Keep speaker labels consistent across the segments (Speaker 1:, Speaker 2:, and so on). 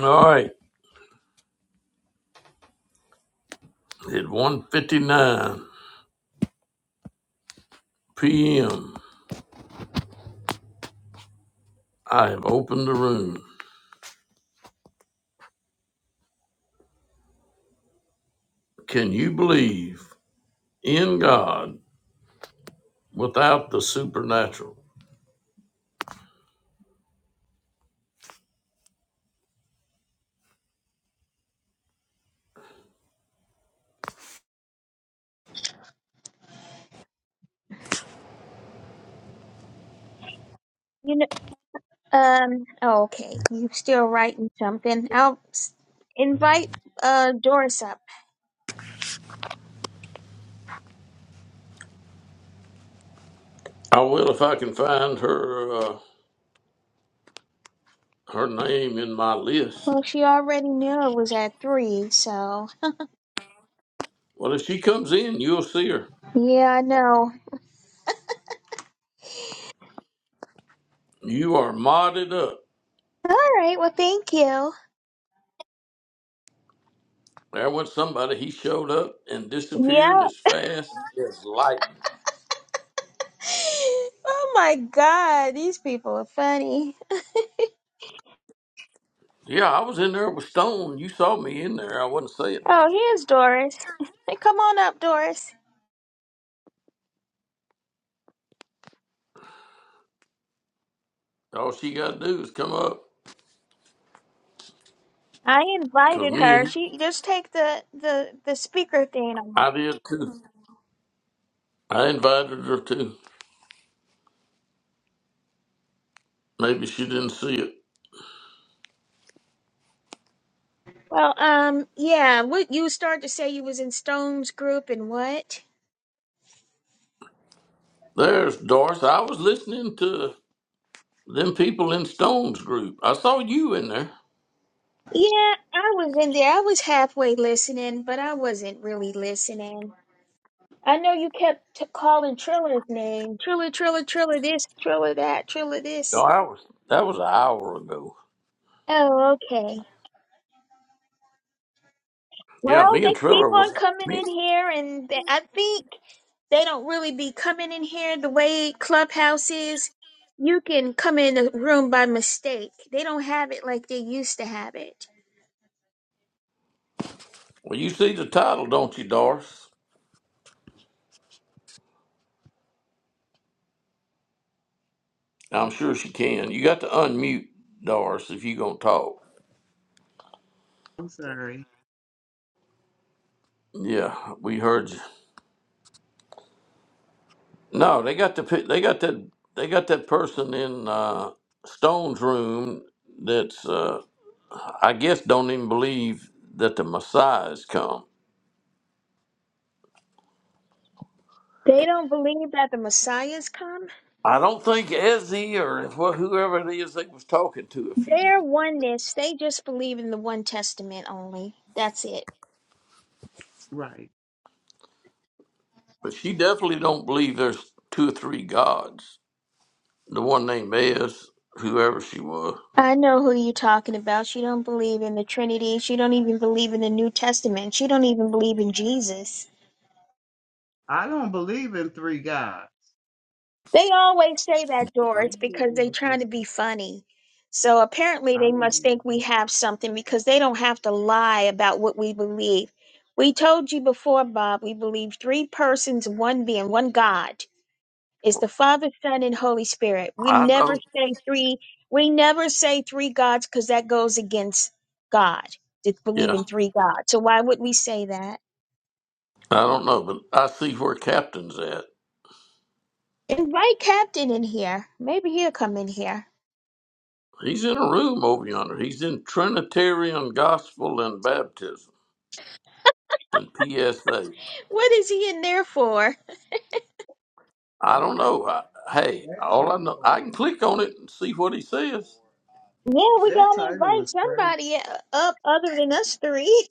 Speaker 1: All right, at one fifty-nine p.m., I have opened the room. Can you believe in God without the supernatural?
Speaker 2: You know, um, oh, okay. You still writing something. I'll s- invite uh Doris up.
Speaker 1: I will if I can find her uh, her name in my list.
Speaker 2: Well, she already knew it was at three, so
Speaker 1: Well, if she comes in, you'll see her.
Speaker 2: yeah, I know.
Speaker 1: You are modded up.
Speaker 2: All right, well, thank you.
Speaker 1: There went somebody. He showed up and
Speaker 2: Yeah.
Speaker 1: disappeared as fast as lightning.
Speaker 2: Oh my God, these people are funny.
Speaker 1: Yeah, I was in there with Stone. You saw me in there. I wasn't saying
Speaker 2: Oh,
Speaker 1: nothing.
Speaker 2: here's Doris. Hey, Come on up, Doris.
Speaker 1: All she got to do is come up,
Speaker 2: I
Speaker 1: cause
Speaker 2: invited
Speaker 1: me and
Speaker 2: her.
Speaker 1: you
Speaker 2: She just take the the the speaker thing off.
Speaker 1: I did too. I invited her too. Maybe she didn't see it.
Speaker 2: Well, um, yeah. What you started to say you was in Stone's group and what?
Speaker 1: There's Doris. I was listening to them people in Stone's group. I saw you in there.
Speaker 2: Yeah, I was in there. I was halfway listening, but I wasn't really listening. I know you kept t- calling Trilla's name. Trilla, Trilla, Trilla this, Trilla that, Trilla
Speaker 1: No,
Speaker 2: this.
Speaker 1: I was. That was an hour ago.
Speaker 2: Oh, okay.
Speaker 1: Yeah,
Speaker 2: Well,
Speaker 1: me
Speaker 2: they
Speaker 1: and
Speaker 2: keep
Speaker 1: Triller was.
Speaker 2: on coming
Speaker 1: Me.
Speaker 2: in here, and they, I think they don't really be coming in here the way Clubhouse is. You can come in the room by mistake. They don't have it like they used to have it.
Speaker 1: Well, you see the title, don't you, Doris? I'm sure she can. You got to unmute Doris if you gonna talk.
Speaker 3: I'm sorry.
Speaker 1: Yeah, we heard you. No, they got the pi- they got that they got that person in uh, Stone's room that's uh, I guess don't even believe that the Messiah has come.
Speaker 2: They don't believe that the Messiah's come
Speaker 1: I don't think Ezzy or wh- whoever it is they was talking to a few
Speaker 2: Their
Speaker 1: minutes,
Speaker 2: oneness, they just believe in the one testament only. That's it.
Speaker 3: Right.
Speaker 1: but she definitely don't believe there's two or three gods. The one named Ez, whoever she was.
Speaker 2: I know who you're talking about. She don't believe in the Trinity. She don't even believe in the New Testament. She don't even believe in Jesus.
Speaker 3: I don't believe in three gods.
Speaker 2: They always say that, Doris,
Speaker 3: I'm good
Speaker 2: because they
Speaker 3: enough three
Speaker 2: trying to
Speaker 3: gods.
Speaker 2: be funny. So apparently
Speaker 3: I
Speaker 2: they must
Speaker 3: don't.
Speaker 2: think we have something because they don't have to lie about what we believe. We told you before, Bob, we believe three persons, one being, one God. It's the Father, Son, and Holy Spirit. We
Speaker 1: I
Speaker 2: never
Speaker 1: know.
Speaker 2: say three. We never say three gods because that goes against God to believe
Speaker 1: Yeah,
Speaker 2: in three gods. So why would we say that?
Speaker 1: I don't know, but I see where Captain's at.
Speaker 2: Invite Captain in here. Maybe he'll come in here.
Speaker 1: He's in a room over yonder. He's in Trinitarian Gospel and Baptism and PSA.
Speaker 2: What is he in there for?
Speaker 1: I
Speaker 3: That
Speaker 1: don't
Speaker 3: that
Speaker 1: know. I,
Speaker 3: that,
Speaker 1: hey,
Speaker 3: that, that
Speaker 1: all I know,
Speaker 3: title
Speaker 1: I can
Speaker 3: is
Speaker 1: click on it and see what he says.
Speaker 2: Yeah, we
Speaker 3: that
Speaker 2: gotta
Speaker 3: title
Speaker 2: invite
Speaker 3: is crazy.
Speaker 2: somebody up other than us three.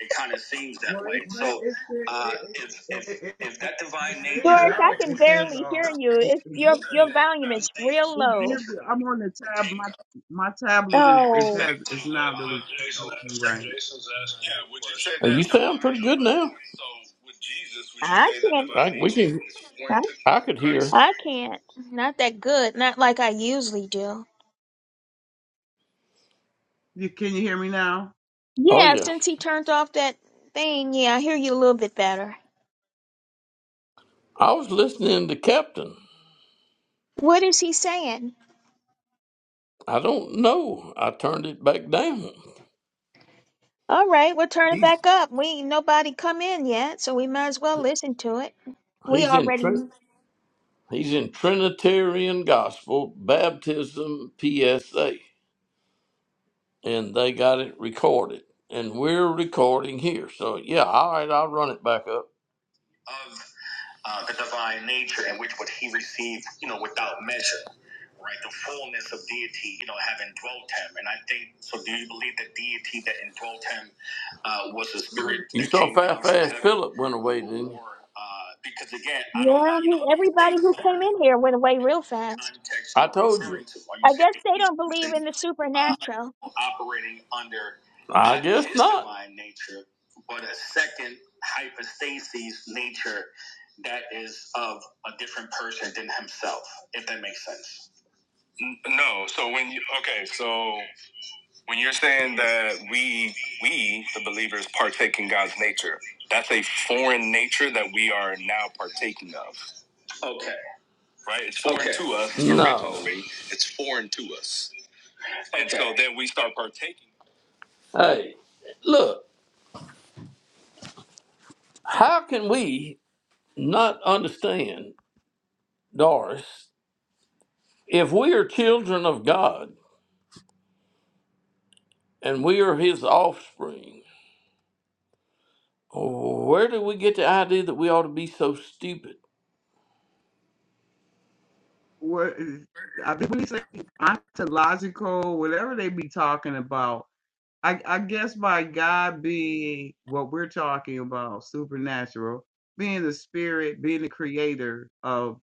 Speaker 1: It kind of seems that
Speaker 3: Well,
Speaker 1: way.
Speaker 3: it's that
Speaker 1: So
Speaker 3: it's it
Speaker 1: uh,
Speaker 3: it
Speaker 1: if if
Speaker 3: it, it,
Speaker 1: if
Speaker 3: it,
Speaker 1: that
Speaker 3: it
Speaker 1: divine
Speaker 3: sends
Speaker 1: nature
Speaker 2: Doris,
Speaker 1: in
Speaker 2: I
Speaker 1: which
Speaker 3: out.
Speaker 2: can
Speaker 3: It
Speaker 1: what
Speaker 3: says
Speaker 1: Jesus
Speaker 2: barely hear
Speaker 3: um.
Speaker 2: you.
Speaker 3: It,
Speaker 2: It's
Speaker 3: it
Speaker 2: your
Speaker 3: gives
Speaker 2: your
Speaker 3: you.
Speaker 2: volume is
Speaker 1: is saying
Speaker 2: real
Speaker 3: It
Speaker 2: low.
Speaker 3: gives
Speaker 1: nature
Speaker 3: you. I'm on the tab.
Speaker 1: partake
Speaker 3: My
Speaker 1: of
Speaker 3: my tablet is
Speaker 1: uh, in
Speaker 3: is
Speaker 2: Oh,
Speaker 3: has
Speaker 1: respect to uh,
Speaker 3: is not really
Speaker 1: you know,
Speaker 3: working right.
Speaker 1: Jason's asking yeah, would you say Hey, that you divine sound pretty good so now. so with Jesus would you
Speaker 2: I
Speaker 1: say that
Speaker 2: can't.
Speaker 1: divine I, we nature can. is
Speaker 2: I,
Speaker 1: foreign to I could hear. Christ?
Speaker 2: I can't. Not that good. Not like I usually do.
Speaker 3: You can you hear me now?
Speaker 1: Oh
Speaker 2: Yeah,
Speaker 1: yeah,
Speaker 2: since he turned off that thing, yeah, I hear you a little bit better.
Speaker 1: I was listening to Captain.
Speaker 2: What is he saying?
Speaker 1: I don't know. I turned it back down.
Speaker 2: All right, we'll turn it
Speaker 1: He's
Speaker 2: back up. We ain't nobody come in yet, so we might as well listen to it. We
Speaker 1: he's in.
Speaker 2: already,
Speaker 1: He's in Trinitarian Gospel Baptism PSA, and they got it recorded, and we're recording here. So yeah, all right, I'll run it back up. Of uh, the divine nature, in which what he received, you know, without measure, right? The fullness of deity, you know, having dwelt him, and I think so. Do you believe that deity that indwelt him uh, was the spirit? You that saw came how down fast, from fast heaven? Philip went away, didn't you? Or, Uh, because again, I don't,
Speaker 2: yeah,
Speaker 1: uh, you know,
Speaker 2: he,
Speaker 1: when you say
Speaker 2: everybody who came
Speaker 1: foreign.
Speaker 2: in here went away real fast.
Speaker 1: context. I told you. To Why you
Speaker 2: I
Speaker 1: say
Speaker 2: guess they
Speaker 1: he's
Speaker 2: don't believe
Speaker 1: using
Speaker 2: in the
Speaker 1: uh,
Speaker 2: supernatural.
Speaker 1: operating under? I guess his not. divine Nature, but a second hypostasis nature that is of a different person than himself. If that makes sense. N- No. So when you okay, so when you're saying that we we the believers partake in God's nature, that's a foreign nature that we are now partaking of. Okay right? It's foreign Okay. to us. No. It's foreign to us. Okay. And so Okay. then we start partaking. Hey, look, how can we not understand, Doris, if we are children of God and we are his offspring, where do we get the idea that we ought to be so stupid?
Speaker 3: What is I think when you say ontological, whatever they be talking about I, I guess by God being what we're talking about, supernatural, being the spirit, being the creator of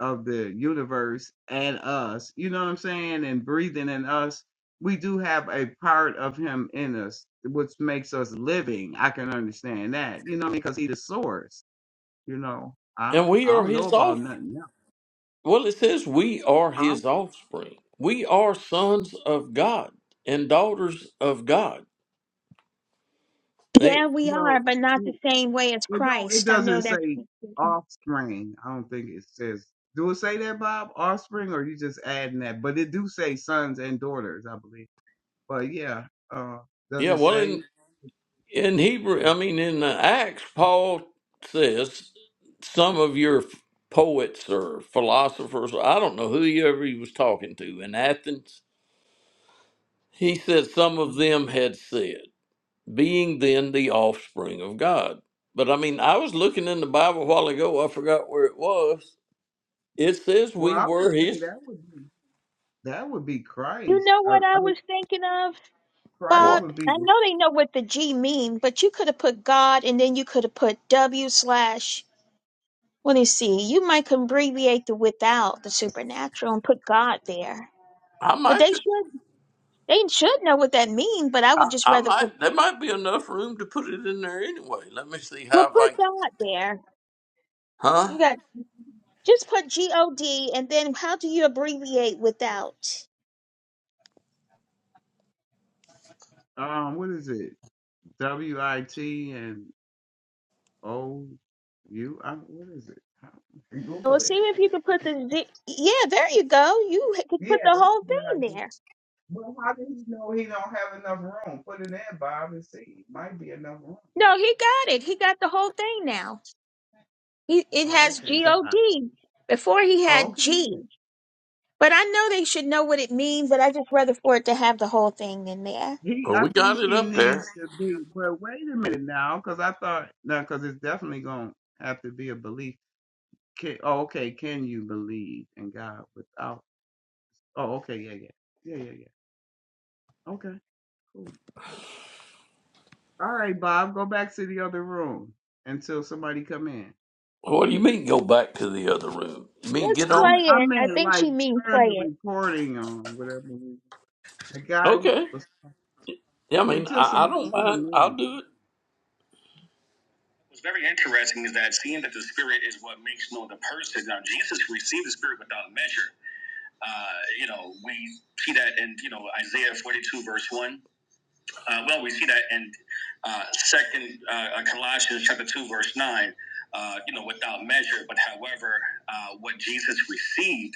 Speaker 3: of the universe and us, you know what I'm saying, and breathing in us, we do have a part of him in us, which makes us living. I can understand that, you know, because he's the source, you know. I
Speaker 1: And we
Speaker 3: I
Speaker 1: are
Speaker 3: don't know
Speaker 1: his
Speaker 3: about
Speaker 1: offspring.
Speaker 3: nothing else.
Speaker 1: Well, it says we are
Speaker 3: Huh?
Speaker 1: his offspring. We are sons of God and daughters of God. They,
Speaker 2: Yeah, we
Speaker 3: Well,
Speaker 2: are, but not the same way as
Speaker 3: It don't. It
Speaker 2: Christ. I know
Speaker 3: doesn't
Speaker 2: that's.
Speaker 3: say
Speaker 2: You
Speaker 3: offspring. I don't think it says. Do it say that, Bob? Offspring, or you just adding that? But it do say sons and daughters, I believe. But yeah, uh, does
Speaker 1: yeah,
Speaker 3: it
Speaker 1: well, in,
Speaker 3: say?
Speaker 1: in Hebrew,
Speaker 3: Uh,
Speaker 1: I mean, in the Acts, Paul says some of your poets or philosophers, I don't know whoever he was talking to in Athens, he said some of
Speaker 3: mhm.
Speaker 1: them had said, being then the offspring of God. But I mean, I was looking in the Bible a while ago, I forgot where it was. It says
Speaker 3: Well,
Speaker 1: we
Speaker 3: I would
Speaker 1: were
Speaker 3: say
Speaker 1: his.
Speaker 3: that would be that would be Christ.
Speaker 2: know
Speaker 3: I,
Speaker 2: what
Speaker 3: I
Speaker 2: I
Speaker 3: mean,
Speaker 2: was thinking of,
Speaker 3: Christ
Speaker 2: Bob?
Speaker 1: What?
Speaker 3: would be
Speaker 2: I
Speaker 3: the
Speaker 2: know they know what the G mean, but you could have put God and then you could have put W slash Well, you see, you might can abbreviate the without the supernatural and put God there,
Speaker 1: I
Speaker 2: but
Speaker 1: might,
Speaker 2: they should they should know what that means. But I would
Speaker 1: I,
Speaker 2: just
Speaker 1: I
Speaker 2: rather put
Speaker 1: might, there might be enough room to put it in there anyway. Let me see
Speaker 2: well
Speaker 1: how I,
Speaker 2: put God there.
Speaker 1: huh?
Speaker 2: You got just put G O D, and then how do you abbreviate without?
Speaker 3: um. What is it? W I T and O U. I- What is it? Google
Speaker 2: Well, see
Speaker 3: it.
Speaker 2: if you can put the G- yeah. There you go. You h- could put
Speaker 3: Yeah,
Speaker 2: the
Speaker 3: that's
Speaker 2: whole
Speaker 3: a good
Speaker 2: thing
Speaker 3: idea.
Speaker 2: there.
Speaker 3: Well, how did he know he don't have enough room? Put it in, Bob, and see. Might be enough room.
Speaker 2: No, he got it. He got the whole thing now. He it
Speaker 3: Oh,
Speaker 2: has
Speaker 3: okay,
Speaker 2: G O
Speaker 3: God.
Speaker 2: D. Before he
Speaker 3: Oh,
Speaker 2: had
Speaker 3: okay, yeah.
Speaker 2: G. But I know they should know what it means, but I just rather for it to have the whole thing in there.
Speaker 3: He,
Speaker 1: Well,
Speaker 3: I
Speaker 1: we got
Speaker 3: think
Speaker 1: it
Speaker 3: he
Speaker 1: up there.
Speaker 3: needs to be. But wait a minute now, because I thought no, because it's definitely going to have to be a belief. Can, oh, okay. Can you believe in God without? Oh, okay, yeah, yeah, yeah, yeah, yeah. Okay, cool. All right, Bob, go back to the other room until somebody come in.
Speaker 1: What do you mean go back to the other room? You mean
Speaker 2: Just
Speaker 1: get
Speaker 3: I
Speaker 1: on?
Speaker 3: m-
Speaker 2: play
Speaker 3: I
Speaker 2: it. I
Speaker 3: meant
Speaker 2: think
Speaker 3: like
Speaker 2: she mean
Speaker 3: turn the
Speaker 2: play it.
Speaker 3: recording on, whatever. The guy
Speaker 1: Okay.
Speaker 3: was.
Speaker 1: Yeah, I mean,
Speaker 3: until
Speaker 1: I, I don't
Speaker 3: somebody come
Speaker 1: mind.
Speaker 3: in.
Speaker 1: I'll do it. What's very interesting is that seeing that the spirit is what makes known the person. Now, Jesus received the spirit without measure. Uh, you know, we see that in, you know, Isaiah 42, verse 1. Uh, well, we see that in uh, Second uh, uh, Colossians chapter two, verse nine. Uh, you know, without measure, but however, uh, what Jesus received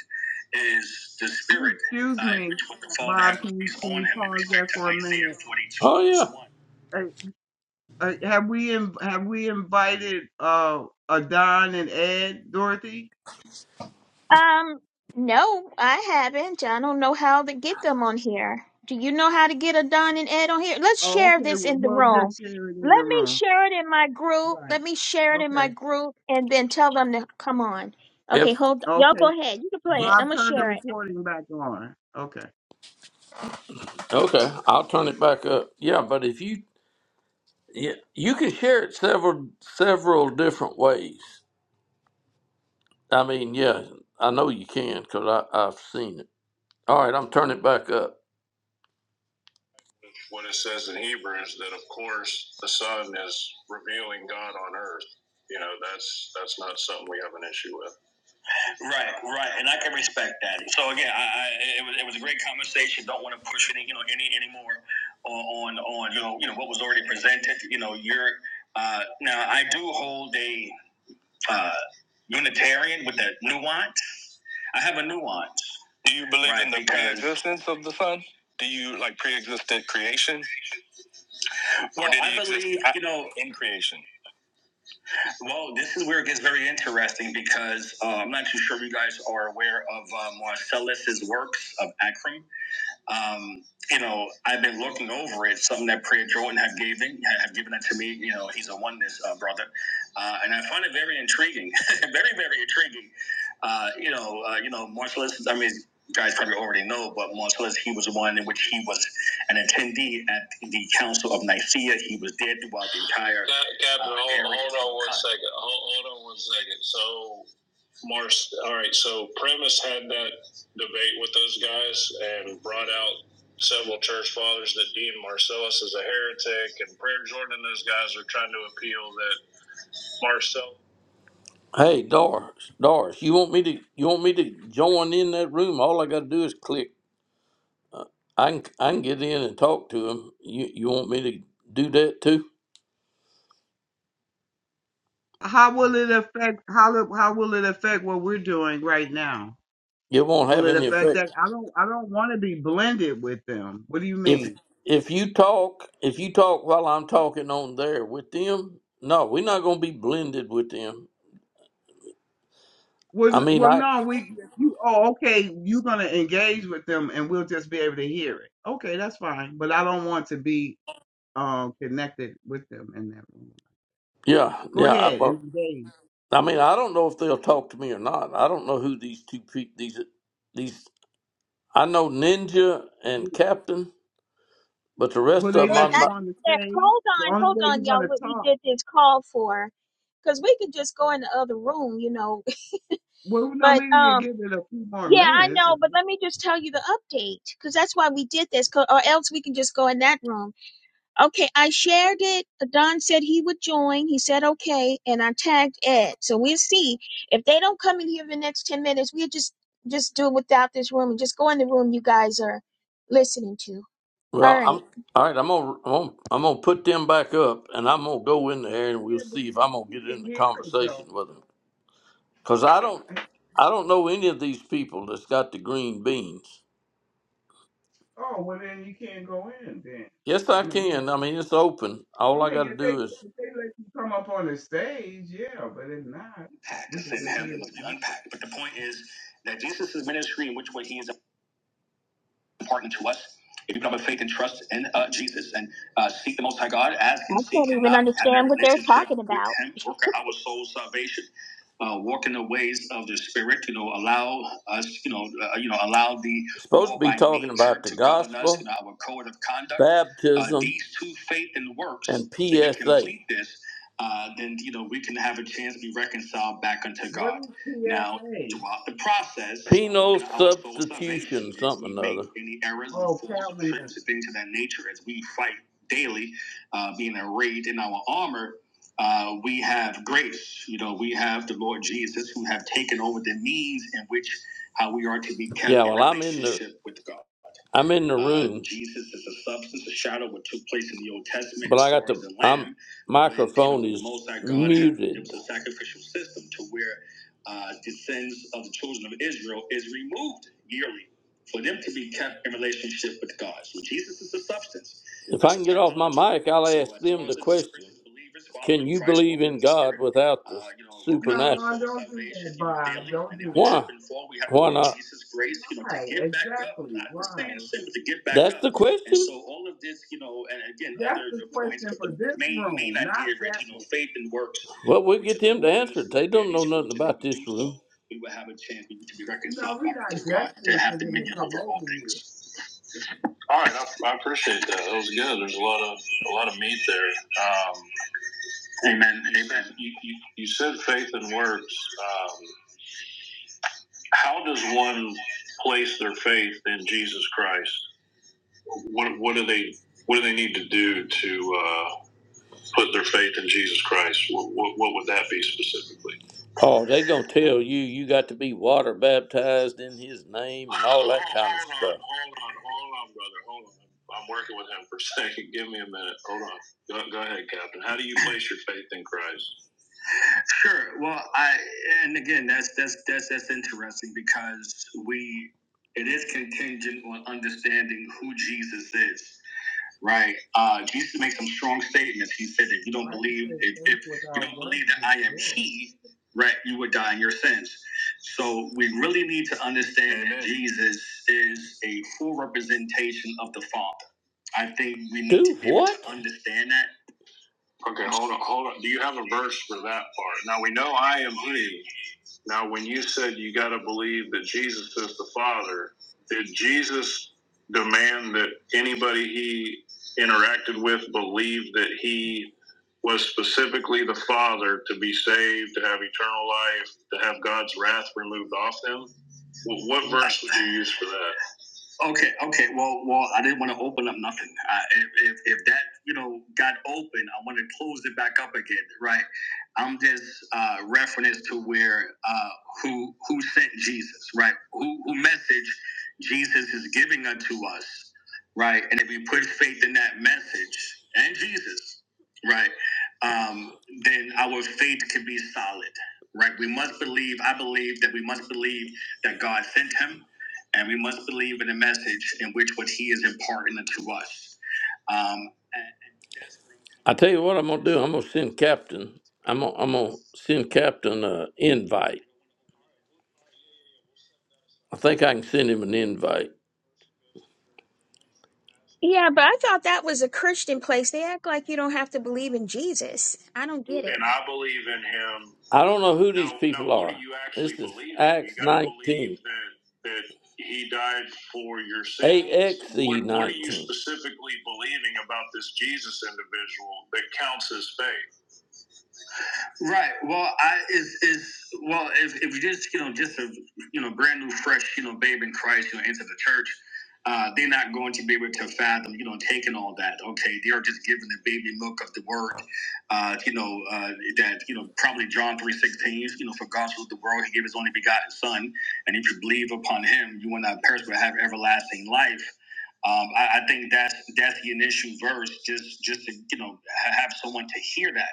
Speaker 1: is the Spirit,
Speaker 3: Excuse excuse
Speaker 1: uh, in
Speaker 3: me,
Speaker 1: which what the Father had
Speaker 3: Bob. Can you
Speaker 1: placed
Speaker 3: can
Speaker 1: on
Speaker 3: you
Speaker 1: him in
Speaker 3: pause that
Speaker 1: respect
Speaker 3: for
Speaker 1: to
Speaker 3: a minute?
Speaker 1: Isaiah forty-two. Oh verse
Speaker 3: Uh, uh, have we in, have we invited uh, uh Don and Ed Dorothy?
Speaker 2: Um, no, I haven't. I don't know how to get them on here. Do you know how to get a Don and Ed on here? Let's
Speaker 3: Oh,
Speaker 2: share
Speaker 3: okay.
Speaker 2: this
Speaker 3: Well,
Speaker 2: in the
Speaker 3: well, they're
Speaker 2: room.
Speaker 3: sharing
Speaker 2: Let
Speaker 3: in the
Speaker 2: me
Speaker 3: room.
Speaker 2: share it in my group.
Speaker 3: Right.
Speaker 2: Let me share it in my
Speaker 3: Okay.
Speaker 2: group and then tell them to come on.
Speaker 1: yeah.
Speaker 2: Okay,
Speaker 1: Verse
Speaker 2: hold Y'all
Speaker 3: Okay.
Speaker 2: go ahead. You can play
Speaker 1: 1. If
Speaker 2: it.
Speaker 3: Bob,
Speaker 2: I'm going to
Speaker 3: turn the
Speaker 2: share it.
Speaker 3: recording back on. Okay.
Speaker 1: you okay, I'll turn it back up. Yeah, but if you yeah, you can share it several several different ways. I mean, yeah, I know you can because I've seen it. All right, I'm turning it back up. what it says in Hebrews that, of course, the Son is revealing God on earth. You know, that's that's not something we have an issue with. Right, right, and I can respect that. So again, I, I it, was, it was a great conversation. Don't want to push any you know any anymore on on you know you know what was already presented. You know, you're uh, now I do hold a uh, Unitarian with a nuance. I have a nuance. Do you believe right, in Right, the because- pre-existence of the Son? Do you like pre-existent creation? Or Well, did he I believe, you know, in creation? well, this is where it gets very interesting because uh, I'm not too sure if you guys are aware of uh, Marcellus's works of Akram um, you know, I've been looking over it. Something that Prayer Jordan had given had given it to me. You know, he's a oneness uh, brother, uh, and I find it very intriguing, very very intriguing. Uh, you know, uh, you know, martial I mean, you guys probably already know, but martial He was one in which he was an attendee at the Council of Nicaea. He was there throughout the entire. Captain, uh, hold, hold on one second. Hold, hold on one second. So Mars, all right, so Premise had that debate with those guys and brought out several church fathers that Dean Marcellus is a heretic and Prayer Jordan and those guys are trying to appeal that Marcellus. Hey, Doris, Doris, you want me to you want me to join in that room? All I got to do is click. I can I can get in and talk to him. You you want me to do that too?
Speaker 3: How will it affect how will- how will it affect what we're doing right now?
Speaker 1: It won't
Speaker 3: Will
Speaker 1: have
Speaker 3: it
Speaker 1: any
Speaker 3: affect
Speaker 1: effect.
Speaker 3: that? I don't I don't want to be blended with them. What do you mean?
Speaker 1: if if you talk if you talk while I'm talking on there with them, no, we're not going to be blended with them.
Speaker 3: Well,
Speaker 1: I
Speaker 3: n-
Speaker 1: mean,
Speaker 3: well,
Speaker 1: I
Speaker 3: no, we, you, oh, okay, you're gonna engage with them, and we'll just be able to hear it. Okay, that's fine. But I don't want to be um connected with them in that room.
Speaker 1: yeah
Speaker 3: Go
Speaker 1: yeah. I,
Speaker 3: ahead
Speaker 1: but-
Speaker 3: and engage.
Speaker 1: I mean, I don't know if they'll talk to me or not. I don't know who these two people these these. I know Ninja and
Speaker 3: You-
Speaker 1: Captain, but the
Speaker 3: Will
Speaker 1: rest of
Speaker 3: they
Speaker 1: them
Speaker 2: it,
Speaker 3: let
Speaker 1: I'm
Speaker 2: I
Speaker 3: you
Speaker 2: think
Speaker 1: not.
Speaker 3: on the
Speaker 2: that,
Speaker 3: stage?
Speaker 2: hold
Speaker 3: The
Speaker 2: on,
Speaker 3: only
Speaker 2: hold
Speaker 3: way you're
Speaker 2: on, y'all.
Speaker 3: gonna
Speaker 2: What we
Speaker 3: talk.
Speaker 2: did this call for, because we could just go in the other room, you know.
Speaker 3: Well, no,
Speaker 2: But
Speaker 3: maybe you can
Speaker 2: um,
Speaker 3: give it a few more
Speaker 2: yeah, I
Speaker 3: minutes.
Speaker 2: know. But let me just tell you the update, because that's why we did this. 'cause- or else we can just go in that room. Okay, I shared it. Don said he would join. He said okay, and I tagged Ed. So we'll see if they don't come in here in the next ten minutes. We'll just just do it without this room and just go in the room you guys are listening to. All
Speaker 1: Well,
Speaker 2: right.
Speaker 1: I'm all right. I'm gonna I'm gonna, I'm gonna put them back up, and I'm gonna go in there, and
Speaker 3: Yeah,
Speaker 1: we'll
Speaker 3: but
Speaker 1: see if I'm gonna
Speaker 3: we,
Speaker 1: get
Speaker 3: we can
Speaker 1: in the
Speaker 3: hear it
Speaker 1: conversation
Speaker 3: though.
Speaker 1: with them. Cause I don't I don't know any of these people that's got the green beans.
Speaker 3: Oh, well then you can't go in then.
Speaker 1: Yes, I
Speaker 3: I mean, you know,
Speaker 1: can. I mean, it's open.
Speaker 3: I
Speaker 1: All I got
Speaker 3: mean,
Speaker 1: to
Speaker 3: if they
Speaker 1: do is.
Speaker 3: if they let you come up on the stage, yeah. But if not,
Speaker 1: To
Speaker 3: we could
Speaker 1: send
Speaker 3: just
Speaker 1: him,
Speaker 3: hear
Speaker 1: it
Speaker 3: it
Speaker 1: must be
Speaker 3: now.
Speaker 1: unpacked. But the point is that Jesus' ministry, in which way he is important to us. If you put up a faith and trust in uh, Jesus and uh, seek the Most High God, ask and
Speaker 2: I can't
Speaker 1: seek and
Speaker 2: even
Speaker 1: not have that
Speaker 2: understand what they're
Speaker 1: relationship
Speaker 2: talking
Speaker 1: with
Speaker 2: about.
Speaker 1: Him, work out our soul's salvation, uh, walk in the ways of the Spirit. You know, allow us. You know, uh, you know, allow the Supposed to be talking about the gospel, our code of conduct. Uh, baptism, uh, these two, faith and works. and P S A. If we PSA. complete this, uh, then you know we can have a chance to be reconciled back unto God.
Speaker 3: What is
Speaker 1: Now,
Speaker 3: PSA?
Speaker 1: Throughout the process, Penal substitution, something or other. any errors and
Speaker 3: Oh,
Speaker 1: falls and
Speaker 3: Calvinism.
Speaker 1: trips and things of that nature as we fight daily, uh, being arrayed in our armor. Uh, we have grace, you know, we have the Lord Jesus who have taken over the means in which how we are to be kept Yeah, kept in well, I'm in the with God. I'm in the Uh, room, Uh, Jesus is a substance, a shadow of what took place in the Old Testament but I got far the the lamb, I'm microphone is Most High God. Had, it muted. was a sacrificial system to where uh, descends of the children of Israel is removed yearly for them to be kept in relationship with God. So Jesus is the substance. If I can get off my mic, I'll So ask as them long the as question believers Can following you Christ, believe in walking in the God Spirit, without the uh, you know, repentance of
Speaker 3: No,
Speaker 1: supernatural? soul
Speaker 3: don't do
Speaker 1: salvation,
Speaker 3: that,
Speaker 1: you know,
Speaker 3: Bob.
Speaker 1: daily.
Speaker 3: Don't
Speaker 1: And if we trip
Speaker 3: do
Speaker 1: Why?
Speaker 3: that.
Speaker 1: trip and fall, we have to Why need not? Jesus' grace, you know, to
Speaker 3: Why?
Speaker 1: get back up,
Speaker 3: Exactly.
Speaker 1: not to stay
Speaker 3: Why?
Speaker 1: in sin, but to get back That's up. the And question. so all of this, you know, and again,
Speaker 3: That's
Speaker 1: other
Speaker 3: the
Speaker 1: points,
Speaker 3: question
Speaker 1: but
Speaker 3: for
Speaker 1: the
Speaker 3: this
Speaker 1: main main
Speaker 3: room, not
Speaker 1: idea,
Speaker 3: that
Speaker 1: Rich, you know,
Speaker 3: one.
Speaker 1: faith and works well, we'll get them to answer it. They don't know nothing about this room. We will have a chance to be
Speaker 3: You know,
Speaker 1: reconciled
Speaker 3: we're
Speaker 1: back to
Speaker 3: not
Speaker 1: God, to
Speaker 3: desperate for
Speaker 1: have
Speaker 3: them to
Speaker 1: dominion
Speaker 3: come
Speaker 1: over
Speaker 3: over
Speaker 1: all
Speaker 3: here.
Speaker 1: things. All right, I, I appreciate that. That was good. There's a lot of a lot of meat there. Um, amen. Amen. You, you, you said faith and works. Um, how does one place their faith in Jesus Christ? What what do they what do they need to do to? uh, put their faith in Jesus Christ, what, what, what would that be specifically? Oh, they gonna tell you you got to be water baptized in His name and all that kind of stuff. Hold on, hold on, hold on, brother, hold on. I'm working with him for a second. Give me a minute. Hold on. Go, go ahead, Captain. How do you place your faith in Christ? Sure. Well, I and again, that's that's that's that's interesting because we it is contingent on understanding who Jesus is. Right. Uh, Jesus made some strong statements. He said, if you
Speaker 3: The
Speaker 1: don't
Speaker 3: Bible
Speaker 1: believe,
Speaker 3: says
Speaker 1: if,
Speaker 3: faith
Speaker 1: if you
Speaker 3: without
Speaker 1: don't
Speaker 3: works
Speaker 1: believe that
Speaker 3: is
Speaker 1: I am
Speaker 3: dead.
Speaker 1: He, right, you would die in your sins. So we really need to understand Amen. that Jesus is a full representation of the Father. I think we need Dude, to be able what? to understand that. Okay, hold on, hold on. Do you have a verse for that part? Now we know I am He. Now, when you said you got to believe that Jesus is the Father, did Jesus demand that anybody he interacted with believe that he was specifically the Father to be saved, to have eternal life, to have God's wrath removed off them? Wh- What verse
Speaker 3: No.
Speaker 1: would you use for that? Okay, okay. Well, well, I didn't want to open up nothing. I, if, if if that you know got open, I want to close it back up again, right? I'm just uh, reference to where uh, who who sent Jesus, right? Who who message Jesus is giving unto us, right? And if we put faith in that message and Jesus, right, um, then our faith can be solid, right? We must believe. I believe that we must believe that God sent him and we must believe in the message in which what He is imparting to us. Um, I tell you what I'm gonna do. I'm gonna send Captain. I'm gonna, I'm gonna send Captain an invite. I think I can send him an invite.
Speaker 2: Yeah, but I thought that was a Christian place. They act like you don't have to believe in Jesus. I don't get it.
Speaker 1: And I believe in him. I don't know who these Now- people now, what are. do you actually this actually is believe in? You Acts gotta believe 19. That, that he died for your sins. AXE What- A X E what are you 19. specifically believing about this Jesus individual that counts as faith? Right. Well, I is is well if if you just you know just a you know brand new fresh you know babe in Christ you know into the church, uh, they're not going to be able to fathom you know taking all that. Okay, they are just given the baby milk of the word, uh, you know uh, that you know probably John three sixteen. You know, for God so loved the world, He gave His only begotten Son, and if you believe upon Him, you will not perish but have everlasting life. Um, I, I think that's that's the initial verse, just just to you know ha- have someone to hear that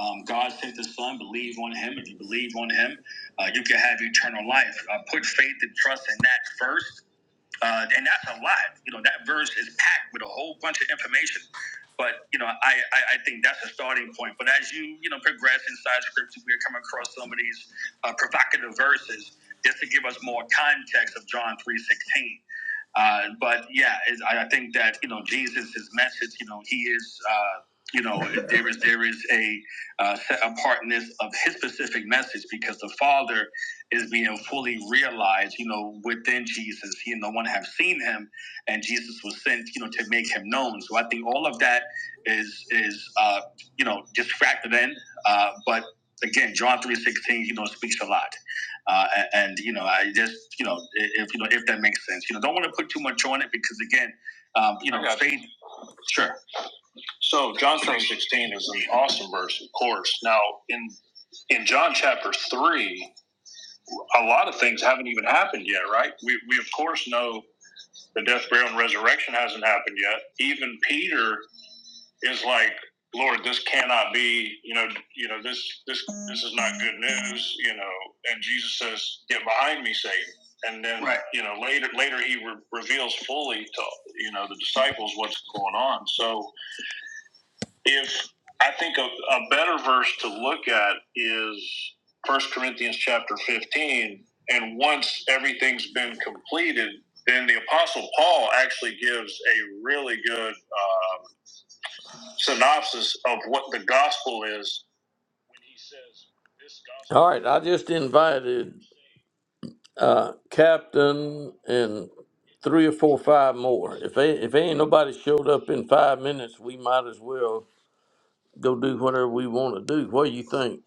Speaker 1: um, God sent his son, believe on him. If you believe on him, uh, you can have eternal life. Uh, put faith and trust in that first. Uh, and that's a lot. You know, that verse is packed with a whole bunch of information. But, you know, I, I, I think that's a starting point. But as you, you know, progress inside scripture, we're coming across some of these uh, provocative verses just to give us more context of John 3.16. Uh, but yeah, it's, I, I think that you know Jesus, his message, you know, he is. Uh, you know, there is there is a uh, set apartness of his specific message because the Father is being fully realized. You know, within Jesus, he and no one have seen him, and Jesus was sent, you know, to make him known. So I think all of that is is uh, you know just factored in. Uh, but again, John three sixteen, you know, speaks a lot. Uh, and, and you know, I just you know, if you know, if that makes sense, you know, don't want to put too much on it because again, um, you know, faith. Sure. So John three sixteen is an awesome verse, of course. Now in in John chapter three, a lot of things haven't even happened yet, right? We we of course know the death, burial, and resurrection hasn't happened yet. Even Peter is like, Lord, this cannot be, you know, you know, this this this is not good news, you know. And Jesus says, Get behind me, Satan. And then Right. you know, later later he re- reveals fully to you know the disciples what's going on. So if I think a, a better verse to look at is First Corinthians chapter 15, and once everything's been completed, then the Apostle Paul actually gives a really good um, synopsis of what the gospel is. When he says this gospel. All right, I just invited uh, Captain and three or four, five more. If they, if ain't nobody showed up in five minutes, we might as well go do whatever we want to do. What do you think?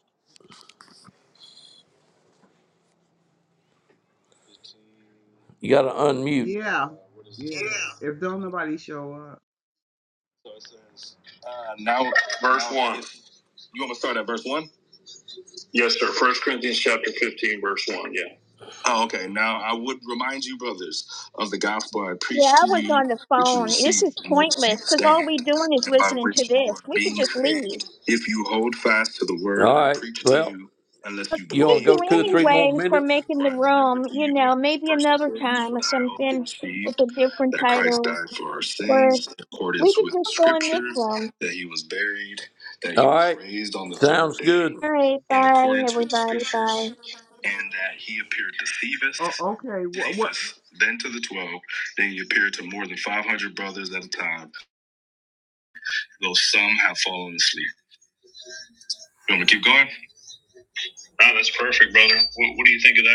Speaker 1: You got to unmute.
Speaker 3: Yeah. Yeah.
Speaker 1: Yeah.
Speaker 3: If don't nobody show up.
Speaker 1: So uh, now, verse now- one. You want me to start at verse one? Yes, sir. First Corinthians chapter fifteen, verse one. Yeah. Oh, okay. Now I would remind you, brothers, of the gospel I
Speaker 2: Yeah,
Speaker 1: preached
Speaker 2: I
Speaker 1: to
Speaker 2: was
Speaker 1: you,
Speaker 2: on the
Speaker 1: which you
Speaker 2: phone. This is
Speaker 1: received, in which you
Speaker 2: pointless because
Speaker 1: stand,
Speaker 2: all we doing is
Speaker 1: and by
Speaker 2: listening to
Speaker 1: which you
Speaker 2: this.
Speaker 1: are
Speaker 2: We could
Speaker 1: being
Speaker 2: just leave.
Speaker 1: saved. If you hold fast to the word All I right. preached to Well, you, unless you you want
Speaker 2: Thank
Speaker 1: to go
Speaker 2: you
Speaker 1: believed two or in three more vain,
Speaker 2: anyway for
Speaker 1: minutes?
Speaker 2: making
Speaker 1: for
Speaker 2: the
Speaker 1: I
Speaker 2: room.
Speaker 1: delivered to
Speaker 2: You
Speaker 1: you as
Speaker 2: know, maybe
Speaker 1: first
Speaker 2: another
Speaker 1: importance
Speaker 2: time or
Speaker 1: what I also
Speaker 2: something with
Speaker 1: received,
Speaker 2: a different
Speaker 1: that Christ
Speaker 2: title.
Speaker 1: died for our
Speaker 2: Or
Speaker 1: sins in
Speaker 2: we
Speaker 1: accordance
Speaker 2: could
Speaker 1: with
Speaker 2: just
Speaker 1: the
Speaker 2: go in this
Speaker 1: scriptures,
Speaker 2: room.
Speaker 1: that he was buried, that he All was right. raised on the third Sounds day good.
Speaker 2: All right,
Speaker 1: in
Speaker 2: bye
Speaker 1: accordance with the
Speaker 2: everybody, bye.
Speaker 1: scriptures, and that he appeared to Cephas,
Speaker 3: Oh, okay. What?
Speaker 1: Cephas, then to the twelve, then he appeared to more than five hundred brothers at a time, though some have fallen asleep. You want me to keep going? Wow, that's perfect, brother. What, what do you think of that?